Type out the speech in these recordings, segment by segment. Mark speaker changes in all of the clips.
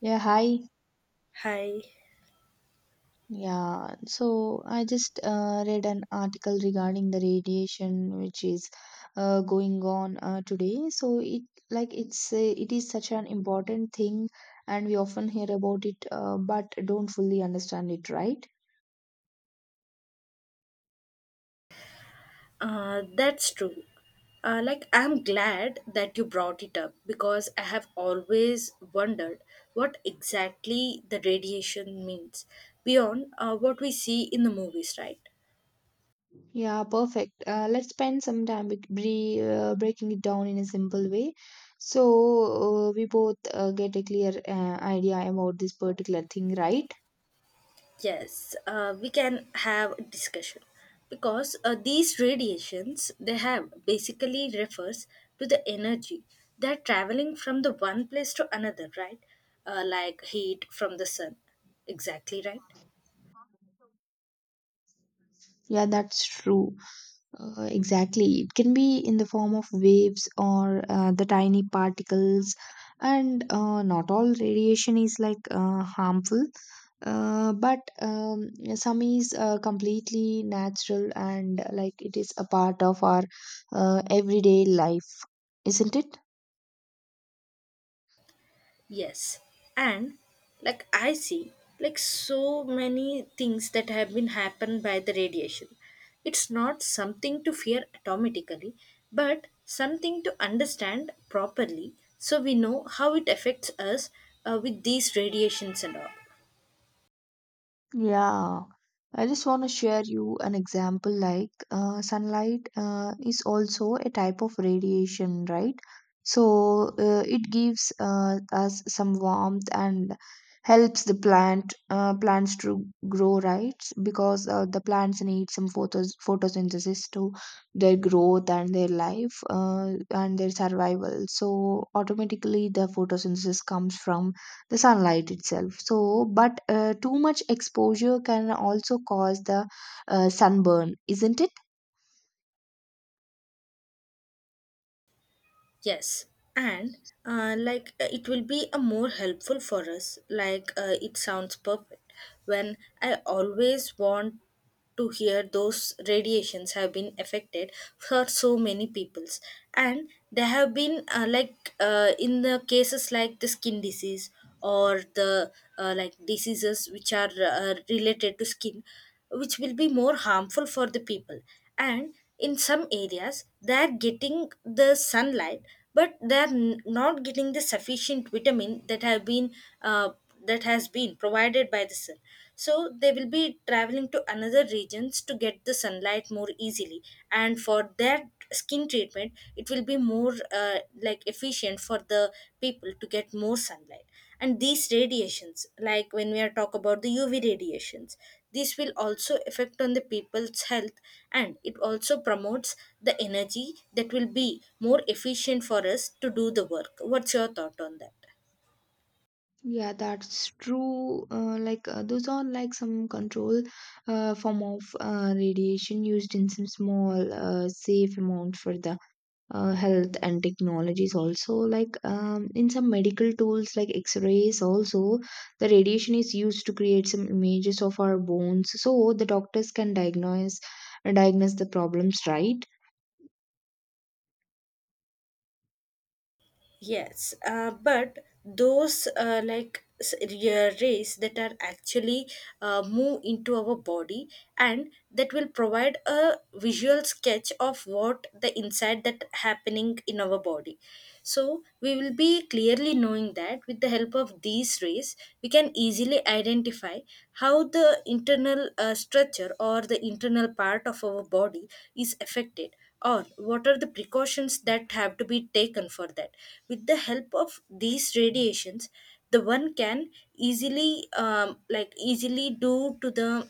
Speaker 1: Yeah, hi.
Speaker 2: Hi,
Speaker 1: Yeah, so I just read an article regarding the radiation which is going on today. So it like it's it is such an important thing, and we often hear about it, but don't fully understand it, right?
Speaker 2: that's true. I'm glad that you brought it up because I have always wondered what exactly the radiation means beyond what we see in the movies, right?
Speaker 1: Yeah, perfect. Let's spend some time breaking it down in a simple way, so we both get a clear idea about this particular thing, right?
Speaker 2: Yes, we can have a discussion because these radiations they have basically refers to the energy that traveling from the one place to another, right? Like heat from the sun. Exactly right.
Speaker 1: Yeah, that's true. Exactly. It can be in the form of waves or the tiny particles, and not all radiation is harmful, but some is completely natural and like it is a part of our everyday life, isn't it?
Speaker 2: Yes. And like I see like so many things that have been happened by the radiation. It's not something to fear automatically, but something to understand properly so we know how it affects us with these radiations and all.
Speaker 1: Yeah, I just want to share you an example like sunlight is also a type of radiation, right? So it gives us some warmth and helps the plants to grow, right? Because the plants need some photosynthesis to their growth and their life and their survival. So automatically the photosynthesis comes from the sunlight itself so but too much exposure can also cause the sunburn, isn't it?
Speaker 2: Yes, and it will be a more helpful for us. Like, it sounds perfect. When I always want to hear those radiations have been affected for so many peoples, and they have been in the cases like the skin disease or the like diseases which are related to skin which will be more harmful for the people, and in some areas they are getting the sunlight but they are not getting the sufficient vitamin that have been uh, that has been provided by the sun, so they will be traveling to another regions to get the sunlight more easily, and for that skin treatment it will be more like efficient for the people to get more sunlight. And these radiations, like when we are talk about the uv radiations, this will also affect on the people's health, and it also promotes the energy that will be more efficient for us to do the work. What's your thought on that?
Speaker 1: Yeah, that's true. Those are like some control form of radiation used in some small safe amount for the health and technologies also like in some medical tools like x-rays also the radiation is used to create some images of our bones so the doctors can diagnose the problems, right?
Speaker 2: Yes, but those like yeah, rays that are actually move into our body and that will provide a visual sketch of what the inside that happening in our body, so we will be clearly knowing that with the help of these rays we can easily identify how the internal structure or the internal part of our body is affected, or what are the precautions that have to be taken for that with the help of these radiations. The one can easily easily do to the,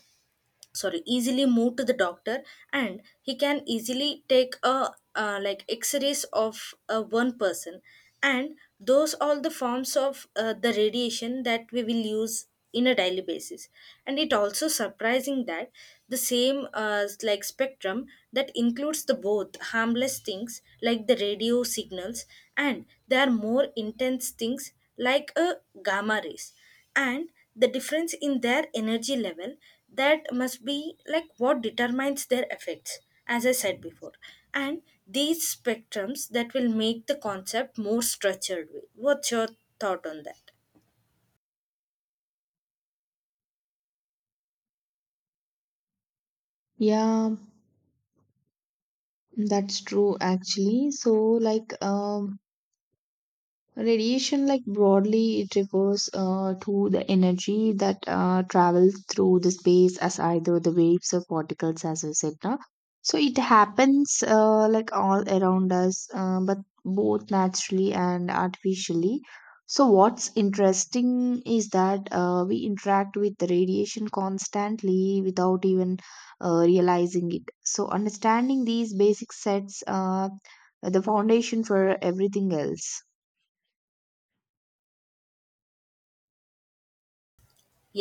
Speaker 2: sorry, easily move to the doctor, and he can easily take a like x-rays of one person. And those all the forms of the radiation that we will use in a daily basis. And it also surprising that the same like spectrum that includes the both harmless things like the radio signals, and they are more intense things like a gamma rays, and the difference in their energy level, that must be like what determines their effects, as I said before. And these spectrums that will make the concept more structured way. What's your thought on that?
Speaker 1: Yeah, that's true actually. So like um Radiation, like broadly, it refers to the energy that travels through the space as either the waves or particles, as I said. Na. So it happens like all around us, but both naturally and artificially. So what's interesting is that we interact with the radiation constantly without even realizing it. So understanding these basic sets the foundation for everything else.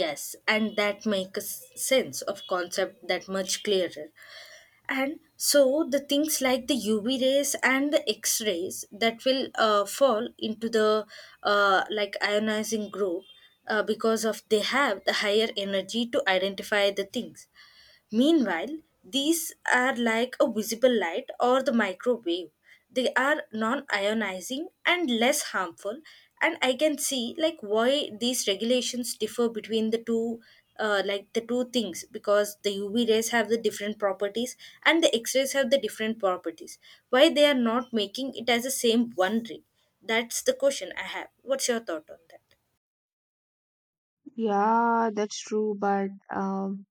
Speaker 2: Yes, and that makes sense of concept that much clearer. And so the things like the uv rays and the x rays that will fall into the like ionizing group, because of they have the higher energy to identify the things. Meanwhile, these are like a visible light or the microwave. They are non ionizing and less harmful, and I can see like why these regulations differ between the two. Like the two things, because the UV rays have the different properties and the X-rays have the different properties. Why they are not making it as the same one ray? That's the question I have. What's your thought on that?
Speaker 1: Yeah, that's true, but um,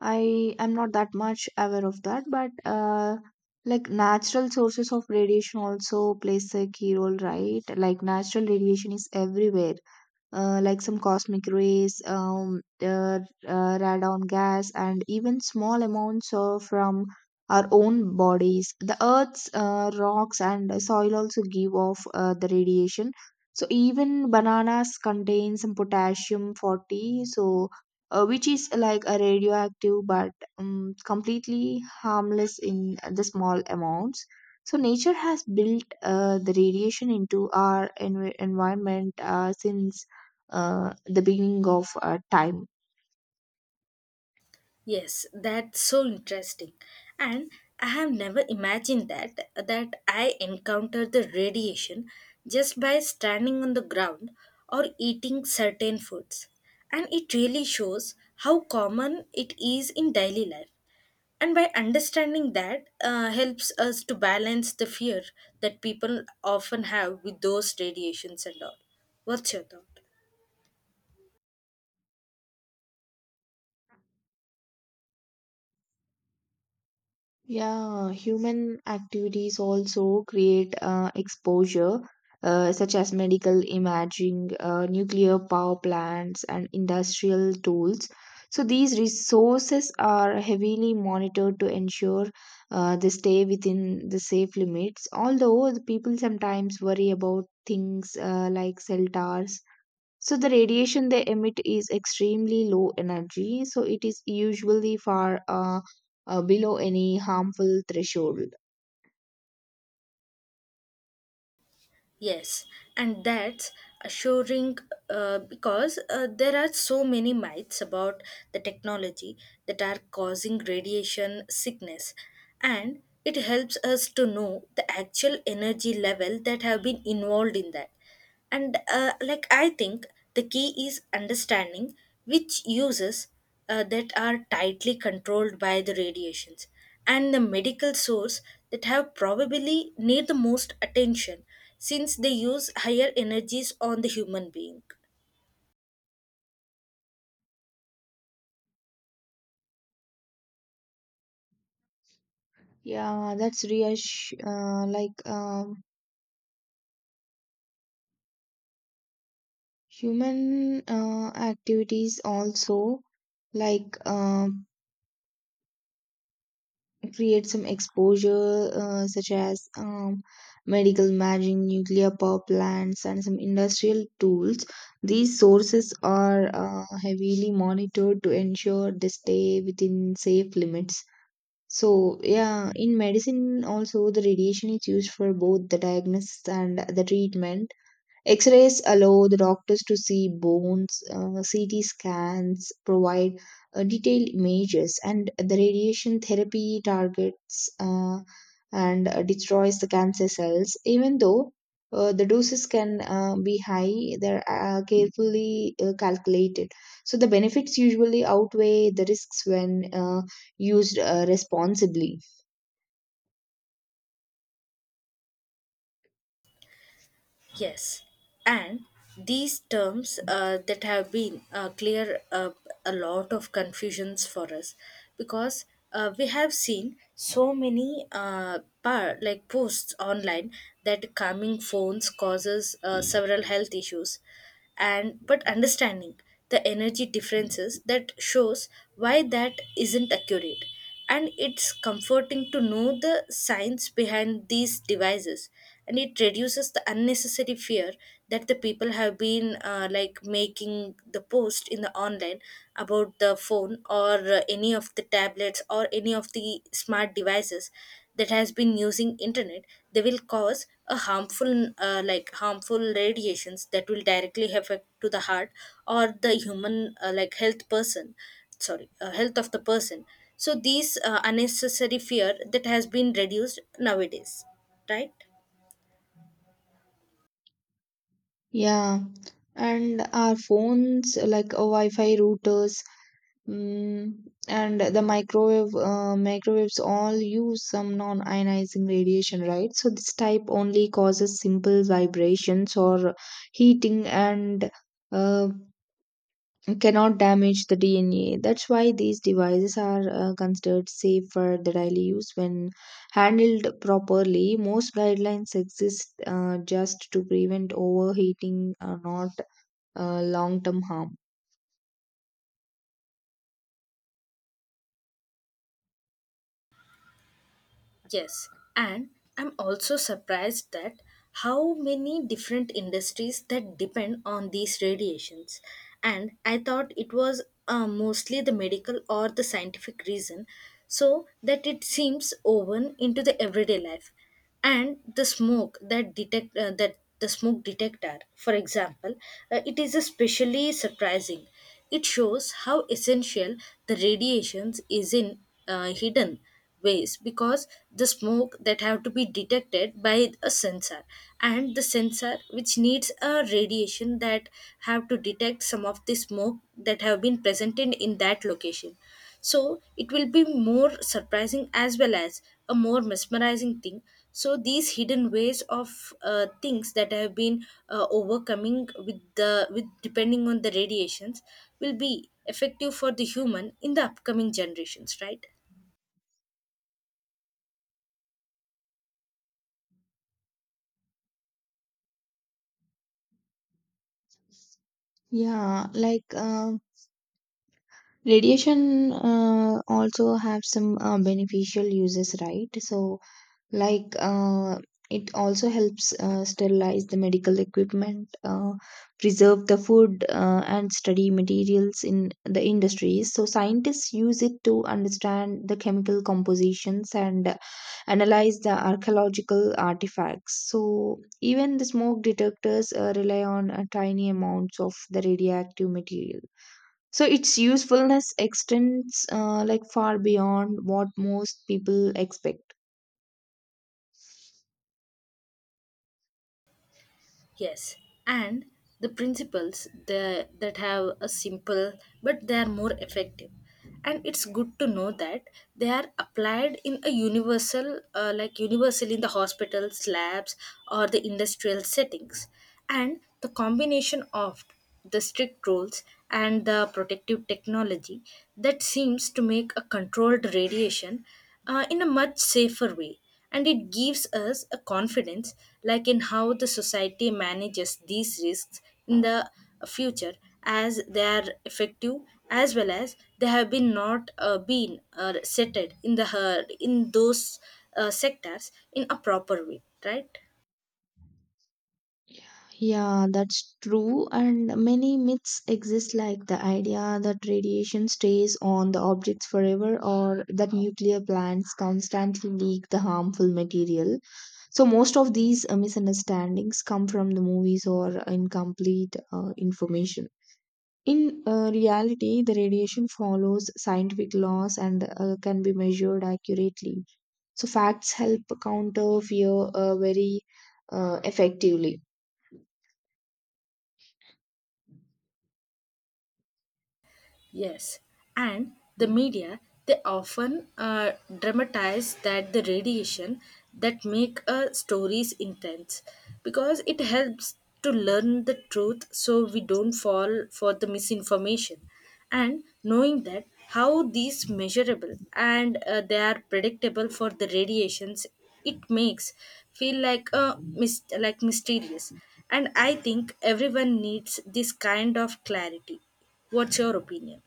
Speaker 1: I am not that much aware of that. But like natural sources of radiation also plays a key role, right? Like natural radiation is everywhere, like some cosmic rays, radon gas, and even small amounts of, from our own bodies. The Earth's rocks and soil also give off the radiation. So even bananas contain some potassium 40, so which is like a radioactive but completely harmless in the small amounts. So nature has built the radiation into our environment since the beginning of time.
Speaker 2: Yes, that's so interesting. And I have never imagined that I encounter the radiation just by standing on the ground or eating certain foods. And it really shows how common it is in daily life. And by understanding that helps us to balance the fear that people often have with those radiations and all. What's your thought?
Speaker 1: Yeah, human activities also create exposure, such as medical imaging, nuclear power plants, and industrial tools. So these resources are heavily monitored to ensure they stay within the safe limits. Although the people sometimes worry about things like cell towers. So the radiation they emit is extremely low energy, so it is usually far below any harmful threshold.
Speaker 2: Yes, and that's assuring because there are so many myths about the technology that are causing radiation sickness, and it helps us to know the actual energy level that have been involved in that. And like I think the key is understanding which uses that are tightly controlled by the radiations, and the medical source that have probably need the most attention since they use higher energies on the human being.
Speaker 1: Yeah, that's reassure. Like human activities also, like create some exposure such as medical imaging, nuclear power plants, and some industrial tools. These sources are heavily monitored to ensure they stay within safe limits. So, yeah, in medicine also the radiation is used for both the diagnosis and the treatment. X-rays allow the doctors to see bones, CT scans provide detailed images, and the radiation therapy targets and destroys the cancer cells. Even though the doses can be high, they're carefully calculated. So the benefits usually outweigh the risks when used responsibly.
Speaker 2: Yes, and these terms that have been clear up a lot of confusions for us, because we have seen so many like posts online that calming phones causes several health issues. And but understanding the energy differences that shows why that isn't accurate, and it's comforting to know the science behind these devices, and it reduces the unnecessary fear that the people have been like making the post in the online about the phone or any of the tablets or any of the smart devices that has been using internet. They will cause a harmful harmful radiations that will directly affect to the heart or the human like health person, sorry, health of the person. So these unnecessary fear that has been reduced nowadays, right?
Speaker 1: Yeah, and our phones like Wi-Fi routers, and the microwaves all use some non-ionizing radiation, right? So this type only causes simple vibrations or heating and uh, cannot damage the DNA. That's why these devices are considered safe for the daily use when handled properly. Most guidelines exist just to prevent overheating, not long-term harm.
Speaker 2: Yes, and I'm also surprised that how many different industries that depend on these radiations. And I thought it was mostly the medical or the scientific reason, so that it seems woven into the everyday life. And the smoke detector, for example, it is especially surprising. It shows how essential the radiations is in hidden ways, because the smoke that have to be detected by a sensor, and the sensor which needs a radiation that have to detect some of the smoke that have been presented in that location. So it will be more surprising as well as a more mesmerizing thing. So these hidden ways of things that have been overcoming with the with depending on the radiations will be effective for the human in the upcoming generations, right?
Speaker 1: Yeah, like. Um, Radiation also have some beneficial uses, right? So, like uh, it also helps sterilize the medical equipment, preserve the food, and study materials in the industries. So, scientists use it to understand the chemical compositions and analyze the archaeological artifacts. So, even the smoke detectors rely on tiny amounts of the radioactive material. So its usefulness extends like far beyond what most people expect.
Speaker 2: Yes, and the principles that have a simple but they are more effective. And it's good to know that they are applied in a universal, universal in the hospitals, labs, or the industrial settings. And the combination of the strict rules and the protective technology that seems to make a controlled radiation in a much safer way, and it gives us a confidence like in how the society manages these risks in the future, as they are effective as well as they have been not been settled in the in those sectors in a proper way, right?
Speaker 1: Yeah, that's true. And many myths exist, like the idea that radiation stays on the objects forever or that nuclear plants constantly leak the harmful material. So, most of these misunderstandings come from the movies or incomplete information. In reality, the radiation follows scientific laws and can be measured accurately. So facts help counter fear very effectively.
Speaker 2: Yes, and the media they often dramatize that the radiation that make stories intense, because it helps to learn the truth so we don't fall for the misinformation. And knowing that how these measurable and they are predictable for the radiations, it makes feel like a mysterious. And I think everyone needs this kind of clarity. What's your opinion?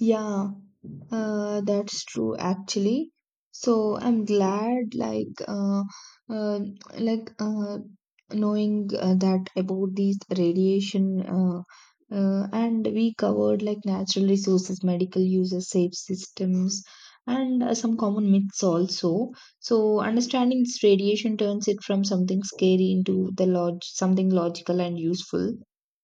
Speaker 1: Yeah, that's true actually. So I'm glad uh, like knowing that about these radiation and we covered like natural resources, medical uses, safe systems and some common myths also. So understanding this radiation turns it from something scary into the log something logical and useful.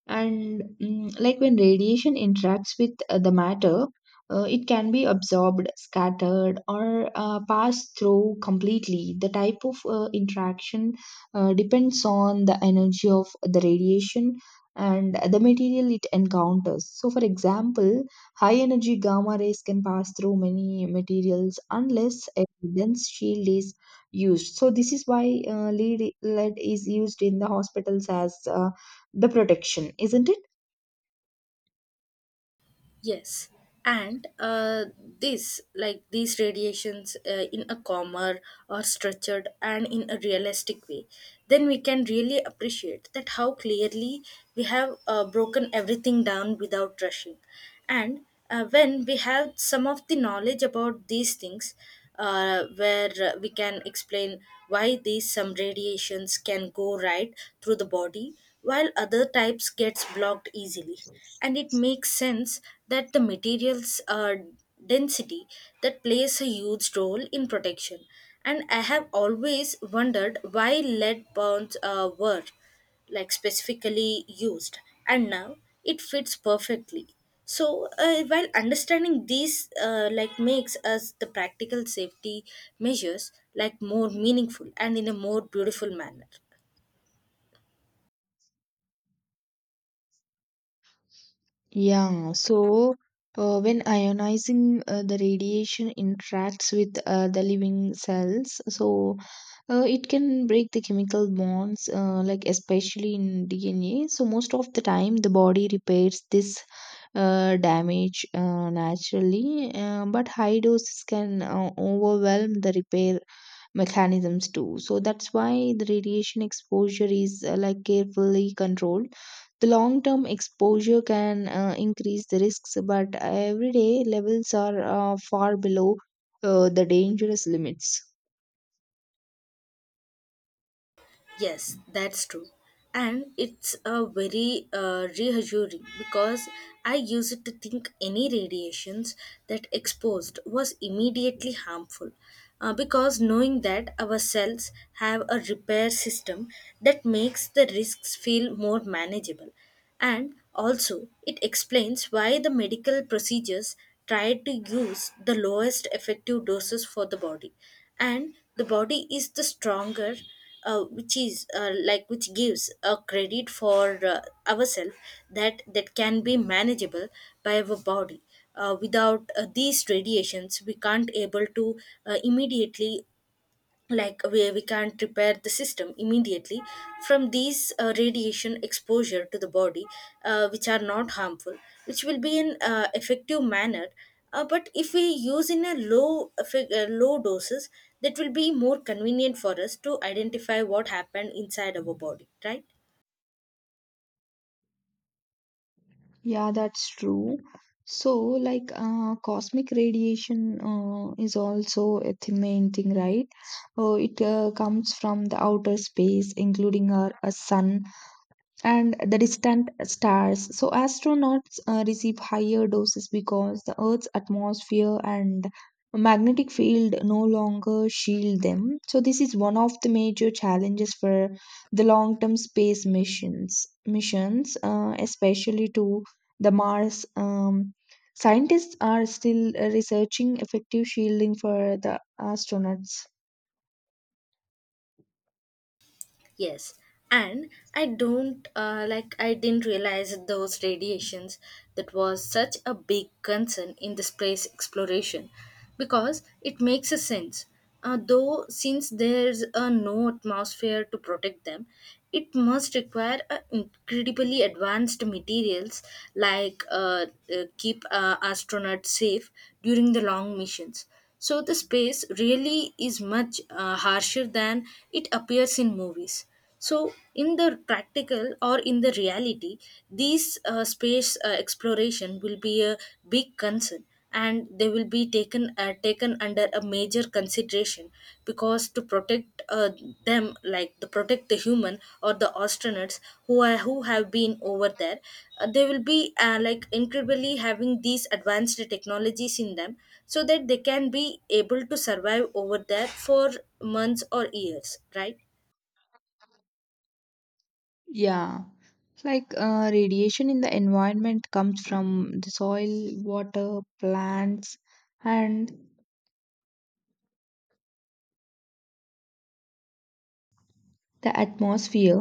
Speaker 1: And like when radiation interacts with the matter, it can be absorbed, scattered, or passed through completely. The type of interaction depends on the energy of the radiation and the material it encounters. So for example, high energy gamma rays can pass through many materials unless a dense shield is used. So this is why lead is used in the hospitals as the protection, isn't it?
Speaker 2: Yes, and this like these radiations in a calmer or structured and in a realistic way, then we can really appreciate that how clearly we have broken everything down without rushing. And when we have some of the knowledge about these things, where we can explain why these some radiations can go right through the body while other types gets blocked easily, and it makes sense that the materials density that plays a huge role in protection. And I have always wondered why lead bonds were like specifically used, and now it fits perfectly. So while understanding these like makes us the practical safety measures like more meaningful and in a more beautiful manner.
Speaker 1: Yeah, so when ionizing the radiation interacts with the living cells, so it can break the chemical bonds, especially in DNA. So most of the time, the body repairs this damage naturally, but high doses can overwhelm the repair mechanisms too. So that's why the radiation exposure is carefully controlled. The long term exposure can increase the risks, but everyday levels are far below the dangerous limits.
Speaker 2: Yes, that's true. And it's a very reassuring because I used to think any radiations that exposed was immediately harmful. Because knowing that our cells have a repair system that makes the risks feel more manageable. And also, it explains why the medical procedures try to use the lowest effective doses for the body. And the body is the stronger, which is like which gives a credit for ourselves that that can be manageable by our body. Without these radiations, we can't able to immediately, like where we can't repair the system immediately from these radiation exposure to the body, which are not harmful, which will be in effective manner. But if we use in a low doses, that will be more convenient for us to identify what happened inside our body, right?
Speaker 1: Yeah, that's true. So, like, cosmic radiation is also a main thing, right? It comes from the outer space, including our sun and the distant stars. So, astronauts receive higher doses because the Earth's atmosphere and magnetic field no longer shield them. So, this is one of the major challenges for the long term space missions especially to the Mars. Scientists are still researching effective shielding for the astronauts.
Speaker 2: Yes, and I don't I didn't realize those radiations that was such a big concern in the space exploration, because it makes a sense. Though since there's no atmosphere to protect them, it must require incredibly advanced materials like, keep astronauts safe during the long missions. So the space really is much harsher than it appears in movies. So in the practical or in the reality, these space exploration will be a big concern, and they will be taken taken under a major consideration because to protect them, like to protect the human or the astronauts who have been over there, they will be like incredibly having these advanced technologies in them so that they can be able to survive over there for months or years, right?
Speaker 1: Yeah. Like radiation in the environment comes from the soil, water, plants, and the atmosphere.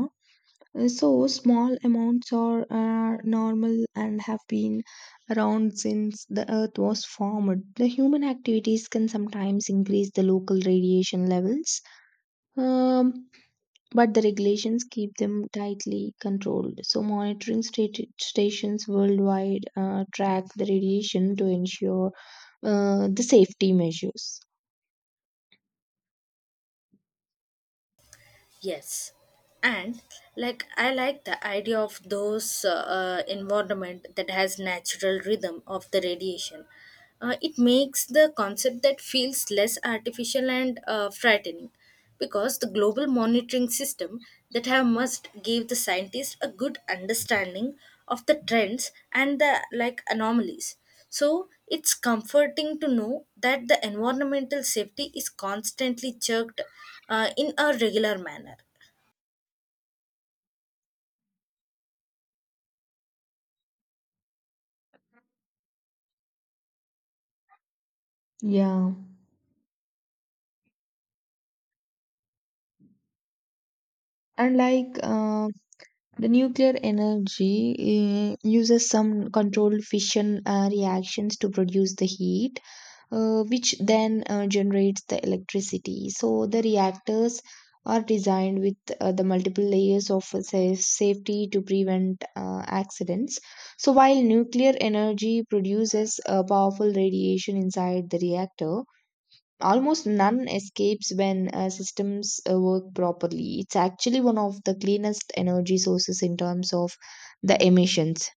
Speaker 1: So, small amounts are normal and have been around since the earth was formed. The human activities can sometimes increase the local radiation levels. Um, but the regulations keep them tightly controlled. So, monitoring stations worldwide track the radiation to ensure the safety measures.
Speaker 2: Yes, and like I like the idea of those environment that has natural rhythm of the radiation. Uh, it makes the concept that feels less artificial and frightening because the global monitoring system that have must give the scientists a good understanding of the trends and the like anomalies. So it's comforting to know that the environmental safety is constantly checked in a regular manner.
Speaker 1: Yeah. And like the nuclear energy uses some controlled fission reactions to produce the heat which then generates the electricity. So the reactors are designed with the multiple layers of safety to prevent accidents. So while nuclear energy produces a powerful radiation inside the reactor, almost none escapes when systems work properly. It's actually one of the cleanest energy sources in terms of the emissions.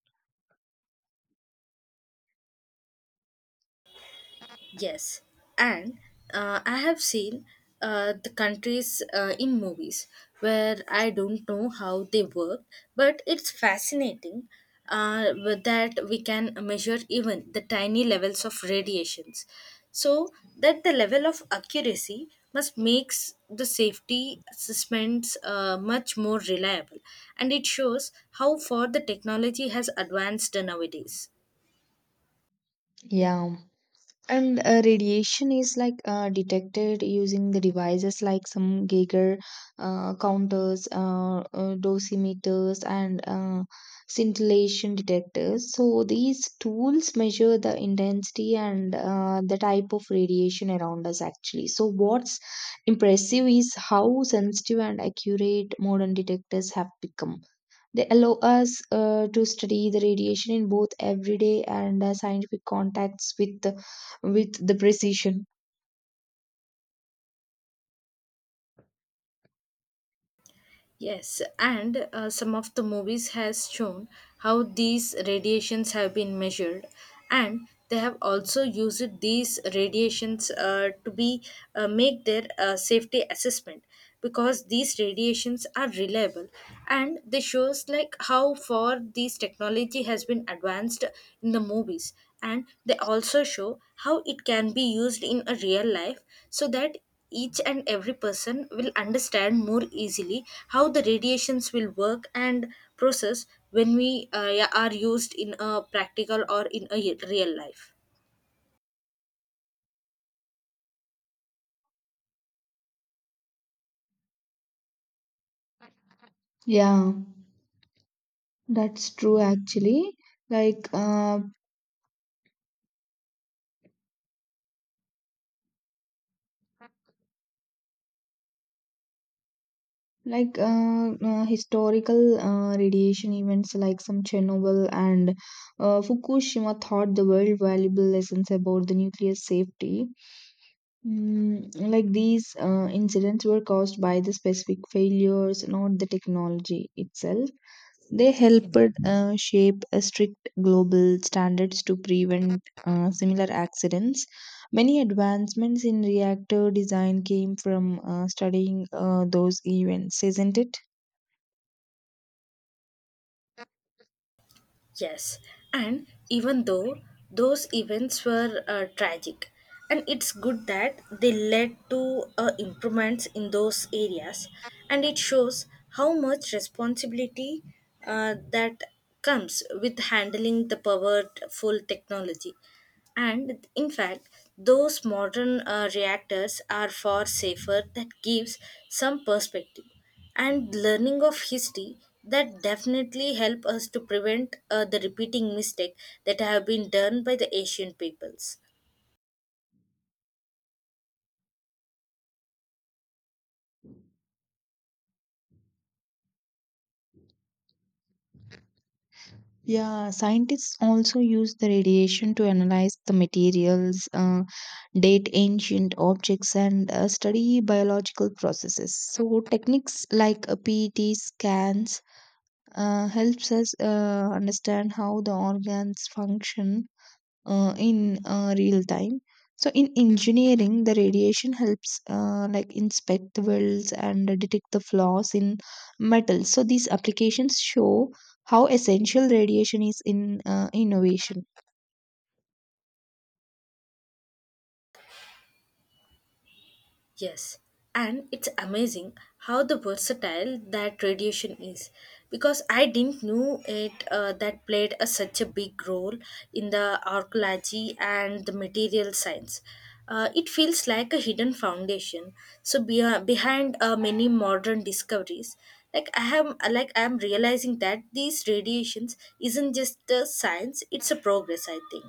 Speaker 2: Yes, and I have seen the countries in movies where I don't know how they work, but it's fascinating with that we can measure even the tiny levels of radiations. So that the level of accuracy must makes the safety assessments much more reliable, and it shows how far the technology has advanced nowadays.
Speaker 1: Yeah. And radiation is detected using the devices like some Geiger counters, dosimeters, and scintillation detectors. So these tools measure the intensity and the type of radiation around us actually. So what's impressive is how sensitive and accurate modern detectors have become. They allow us to study the radiation in both everyday and scientific contacts with the precision.
Speaker 2: Yes, and some of the movies has shown how these radiations have been measured, and they have also used these radiations to be make their safety assessment because these radiations are reliable, and they shows like how far this technology has been advanced in the movies, and they also show how it can be used in a real life so that each and every person will understand more easily how the radiations will work and process when we are used in a practical or in a real life.
Speaker 1: Yeah, that's true actually. Like uh, historical radiation events like some Chernobyl and Fukushima taught the world valuable lessons about the nuclear safety. Like these incidents were caused by the specific failures, not the technology itself. They helped shape a strict global standards to prevent similar accidents. Many advancements in reactor design came from studying those events, isn't it?
Speaker 2: Yes, and even though those events were tragic, and it's good that they led to improvements in those areas, and it shows how much responsibility that comes with handling the powerful technology. And in fact, those modern reactors are far safer, that gives some perspective and learning of history that definitely help us to prevent the repeating mistake that have been done by the ancient peoples.
Speaker 1: Yeah, scientists also use the radiation to analyze the materials, date ancient objects, and study biological processes. So techniques like PET scans helps us understand how the organs function in real time. So in engineering, the radiation helps inspect the welds and detect the flaws in metals. So these applications show how essential radiation is in innovation.
Speaker 2: Yes, and it's amazing how the versatile that radiation is because I didn't know it that played a, such a big role in the archaeology and the material science. It feels like a hidden foundation. So behind many modern discoveries, like I am realizing that these radiations isn't just a science; it's a progress, I think.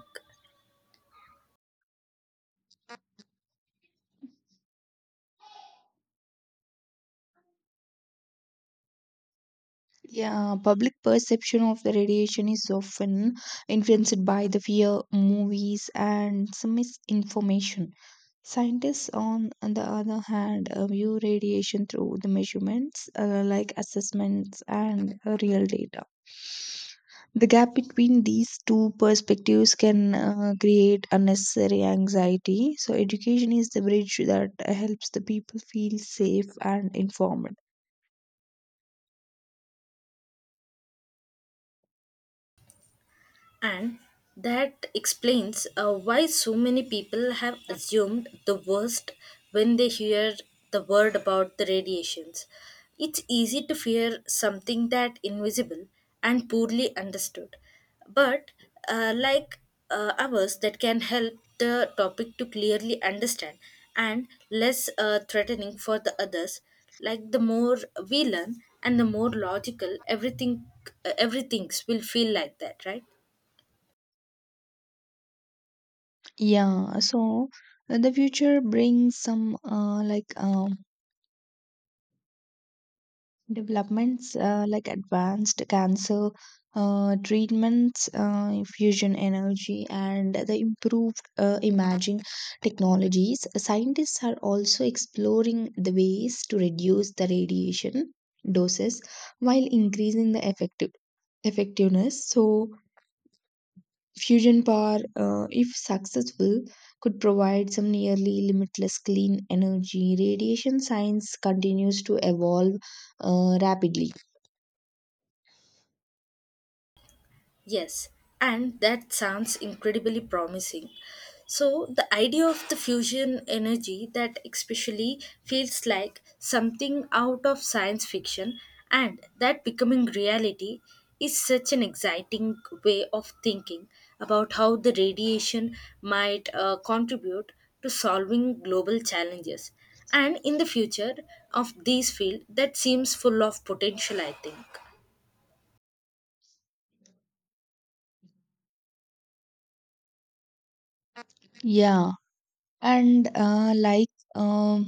Speaker 1: Yeah, public perception of the radiation is often influenced by the fear, movies, and some misinformation. Scientists, on the other hand, view radiation through the measurements, assessments, and real data. The gap between these two perspectives can create unnecessary anxiety. So, education is the bridge that helps the people feel safe and informed.
Speaker 2: And that explains why so many people have assumed the worst when they hear the word about the radiations. It's easy to fear something that invisible and poorly understood, but uh, like ours that can help the topic to clearly understand and less threatening for the others. Like the more we learn and the more logical everything, everything's will feel like that, right?
Speaker 1: Yeah, so the future brings some developments like advanced cancer treatments, fusion energy, and the improved imaging technologies. Scientists are also exploring the ways to reduce the radiation doses while increasing the effectiveness. So fusion power, if successful, could provide some nearly limitless clean energy. Radiation science continues to evolve rapidly.
Speaker 2: Yes, and that sounds incredibly promising. So, the idea of the fusion energy that especially feels like something out of science fiction and that becoming reality is such an exciting way of thinking about how the radiation might contribute to solving global challenges and in the future of this field that seems full of potential, I think.
Speaker 1: Yeah, and like. Um,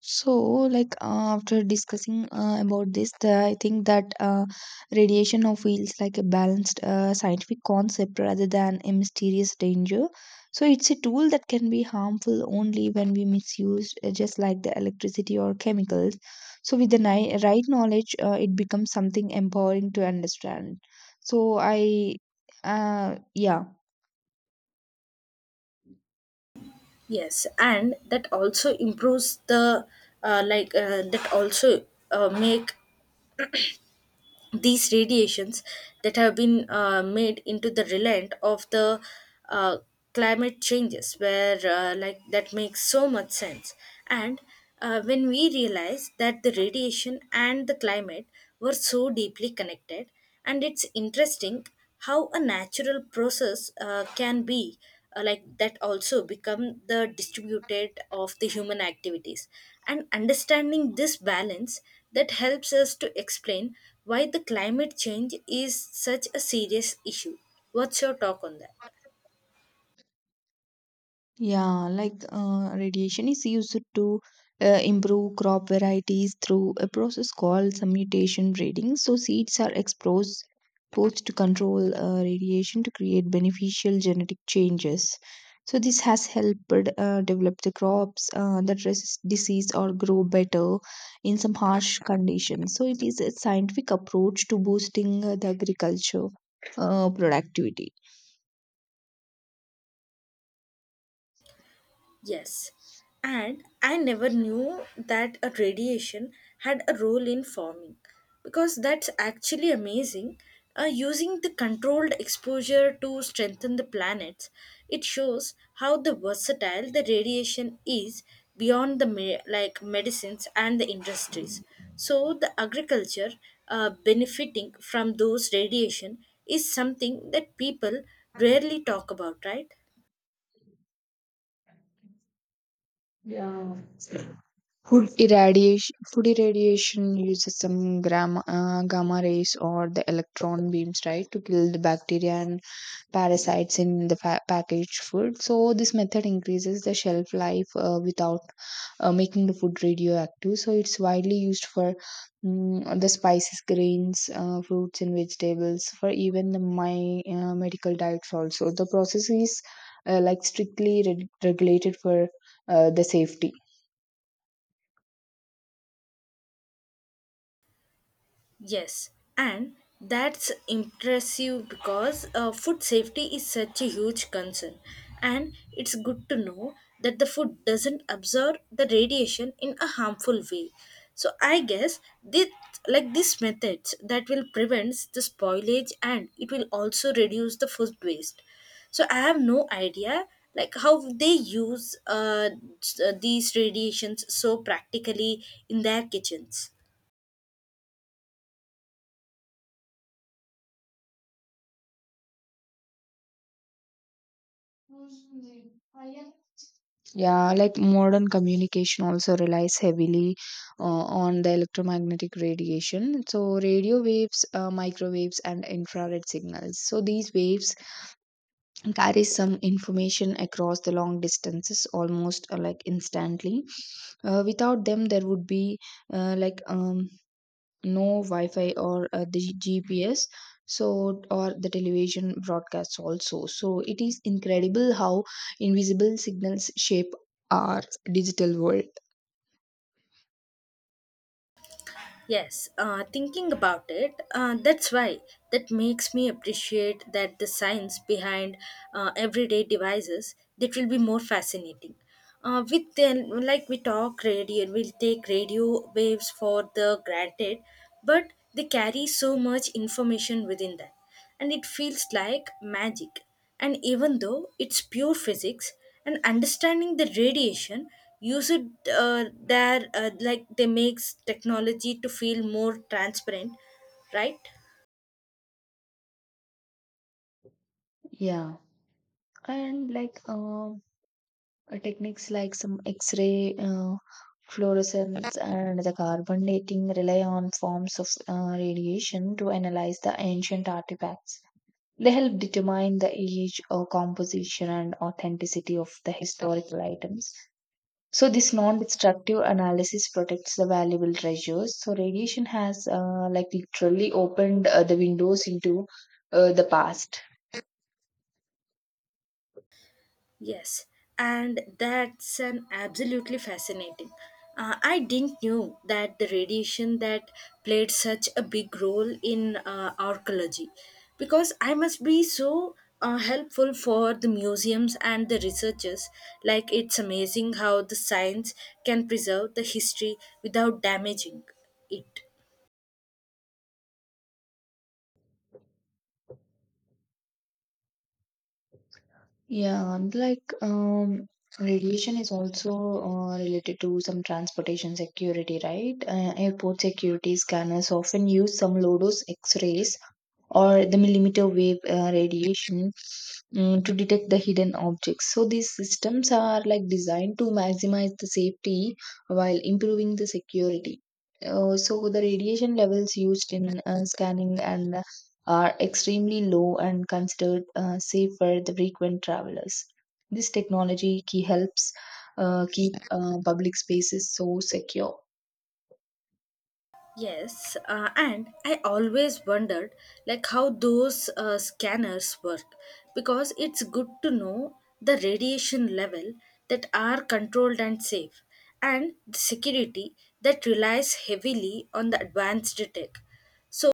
Speaker 1: So, after discussing about this, I think that radiation now feels like a balanced scientific concept rather than a mysterious danger. So, it's a tool that can be harmful only when we misuse, just like the electricity or chemicals. So, with the right knowledge, it becomes something empowering to understand. So, I, yeah.
Speaker 2: Yes, and that also improves the that also make these radiations that have been made into the relent of the uh, climate changes where like that makes so much sense, and when we realize that the radiation and the climate were so deeply connected, and it's interesting how a natural process can be like that also become the distributed of the human activities, and understanding this balance that helps us to explain why the climate change is such a serious issue. What's your talk on that?
Speaker 1: Yeah, radiation is used to improve crop varieties through a process called summutation breeding. So seeds are exposed to control radiation to create beneficial genetic changes. So this has helped develop the crops that resist disease or grow better in some harsh conditions. So it is a scientific approach to boosting the agriculture productivity.
Speaker 2: Yes, and I never knew that a radiation had a role in forming because that's actually amazing. Using the controlled exposure to strengthen the planets, it shows how the versatile the radiation is beyond the like medicines and the industries. So the agriculture benefiting from those radiation is something that people rarely talk about, right?
Speaker 1: Yeah. Food irradiation uses some gamma rays or the electron beams, right, to kill the bacteria and parasites in the packaged food. So this method increases the shelf life without making the food radioactive. So it's widely used for mm, the spices, grains, fruits, and vegetables. For even the my medical diets also, the process is like strictly regulated for the safety.
Speaker 2: Yes, and that's impressive because food safety is such a huge concern, and it's good to know that the food doesn't absorb the radiation in a harmful way. So I guess this like these methods that will prevent the spoilage, and it will also reduce the food waste. So I have no idea like how they use these radiations so practically in their kitchens.
Speaker 1: Yeah, like modern communication also relies heavily on the electromagnetic radiation. So radio waves, microwaves, and infrared signals. So these waves carry some information across the long distances almost like instantly. Without them, there would be uh, like um, no wi-fi or the gps so or the television broadcasts also, so it is incredible how invisible signals shape our digital world.
Speaker 2: Yes, thinking about it, that's why that makes me appreciate that the science behind everyday devices that will be more fascinating. With then, like we talk radio, we'll take radio waves for the granted, but they carry so much information within that, and it feels like magic. And even though it's pure physics, and understanding the radiation use it, there like they makes technology to feel more transparent, right?
Speaker 1: Yeah, and techniques like some x-ray fluorescence and the carbon dating rely on forms of radiation to analyze the ancient artifacts. They help determine the age or composition and authenticity of the historical items. So this non-destructive analysis protects the valuable treasures. So radiation has like literally opened the windows into the past.
Speaker 2: Yes, and that's an absolutely fascinating. I didn't knew that the radiation that played such a big role in archaeology, because I must be so helpful for the museums and the researchers. Like it's amazing how the science can preserve the history without damaging it.
Speaker 1: Yeah, and radiation is also related to some transportation security, right? Airport security scanners often use some low-dose X-rays or the millimeter wave radiation mm, to detect the hidden objects. So these systems are like designed to maximize the safety while improving the security. So the radiation levels used in scanning and are extremely low and considered safe for the frequent travelers. This technology key helps keep public spaces so secure.
Speaker 2: Yes, and I always wondered like how those scanners work because it's good to know the radiation level that are controlled and safe, and the security that relies heavily on the advanced tech. So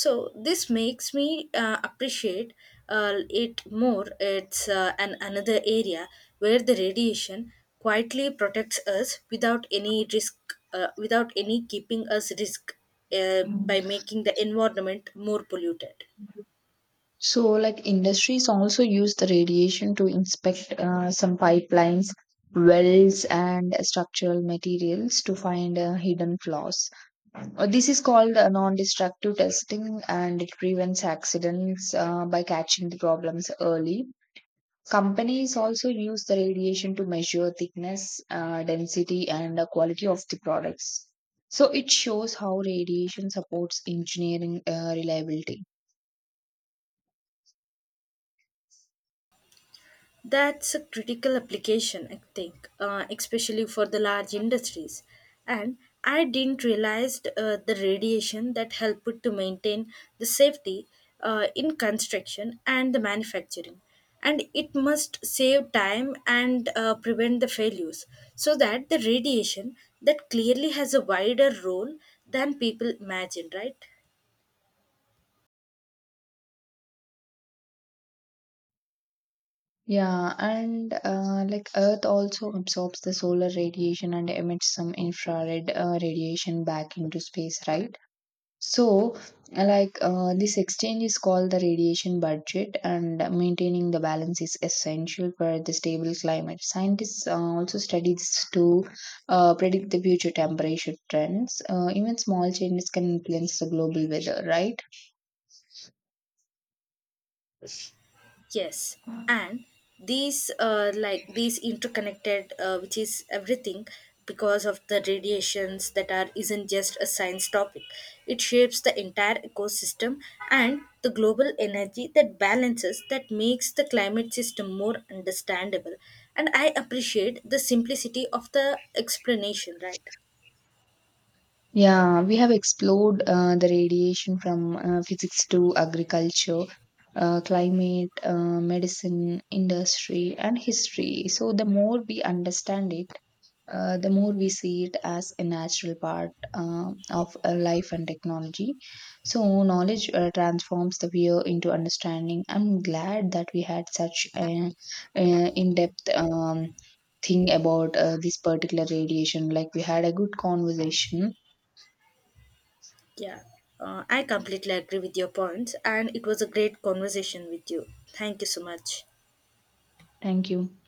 Speaker 2: so this makes me appreciate it more. It's an another area where the radiation quietly protects us without any risk, without any keeping us risk, by making the environment more polluted.
Speaker 1: So, like industries also use the radiation to inspect some pipelines, wells, and structural materials to find hidden flaws. This is called non-destructive testing, and it prevents accidents by catching the problems early. Companies also use the radiation to measure thickness, density, and the quality of the products. So, it shows how radiation supports engineering reliability.
Speaker 2: That's a critical application, I think, especially for the large industries. And I didn't realize the radiation that helped to maintain the safety in construction and the manufacturing. And it must save time and prevent the failures so that the radiation that clearly has a wider role than people imagine, right?
Speaker 1: Yeah, and like Earth also absorbs the solar radiation and emits some infrared radiation back into space, right? So, this exchange is called the radiation budget, and maintaining the balance is essential for the stable climate. Scientists also study this to predict the future temperature trends. Even small changes can influence the global weather, right?
Speaker 2: Yes, and these like these interconnected, which is everything because of the radiations that are isn't just a science topic. It shapes the entire ecosystem and the global energy that balances that makes the climate system more understandable. And I appreciate the simplicity of the explanation, right?
Speaker 1: Yeah, we have explored the radiation from physics to agriculture, climate, medicine, industry, and history. So, the more we understand it, the more we see it as a natural part of life and technology. So, knowledge transforms the fear into understanding. I'm glad that we had such an in depth thing about this particular radiation. Like, we had a good conversation.
Speaker 2: Yeah, I completely agree with your points, and it was a great conversation with you. Thank you so much.
Speaker 1: Thank you.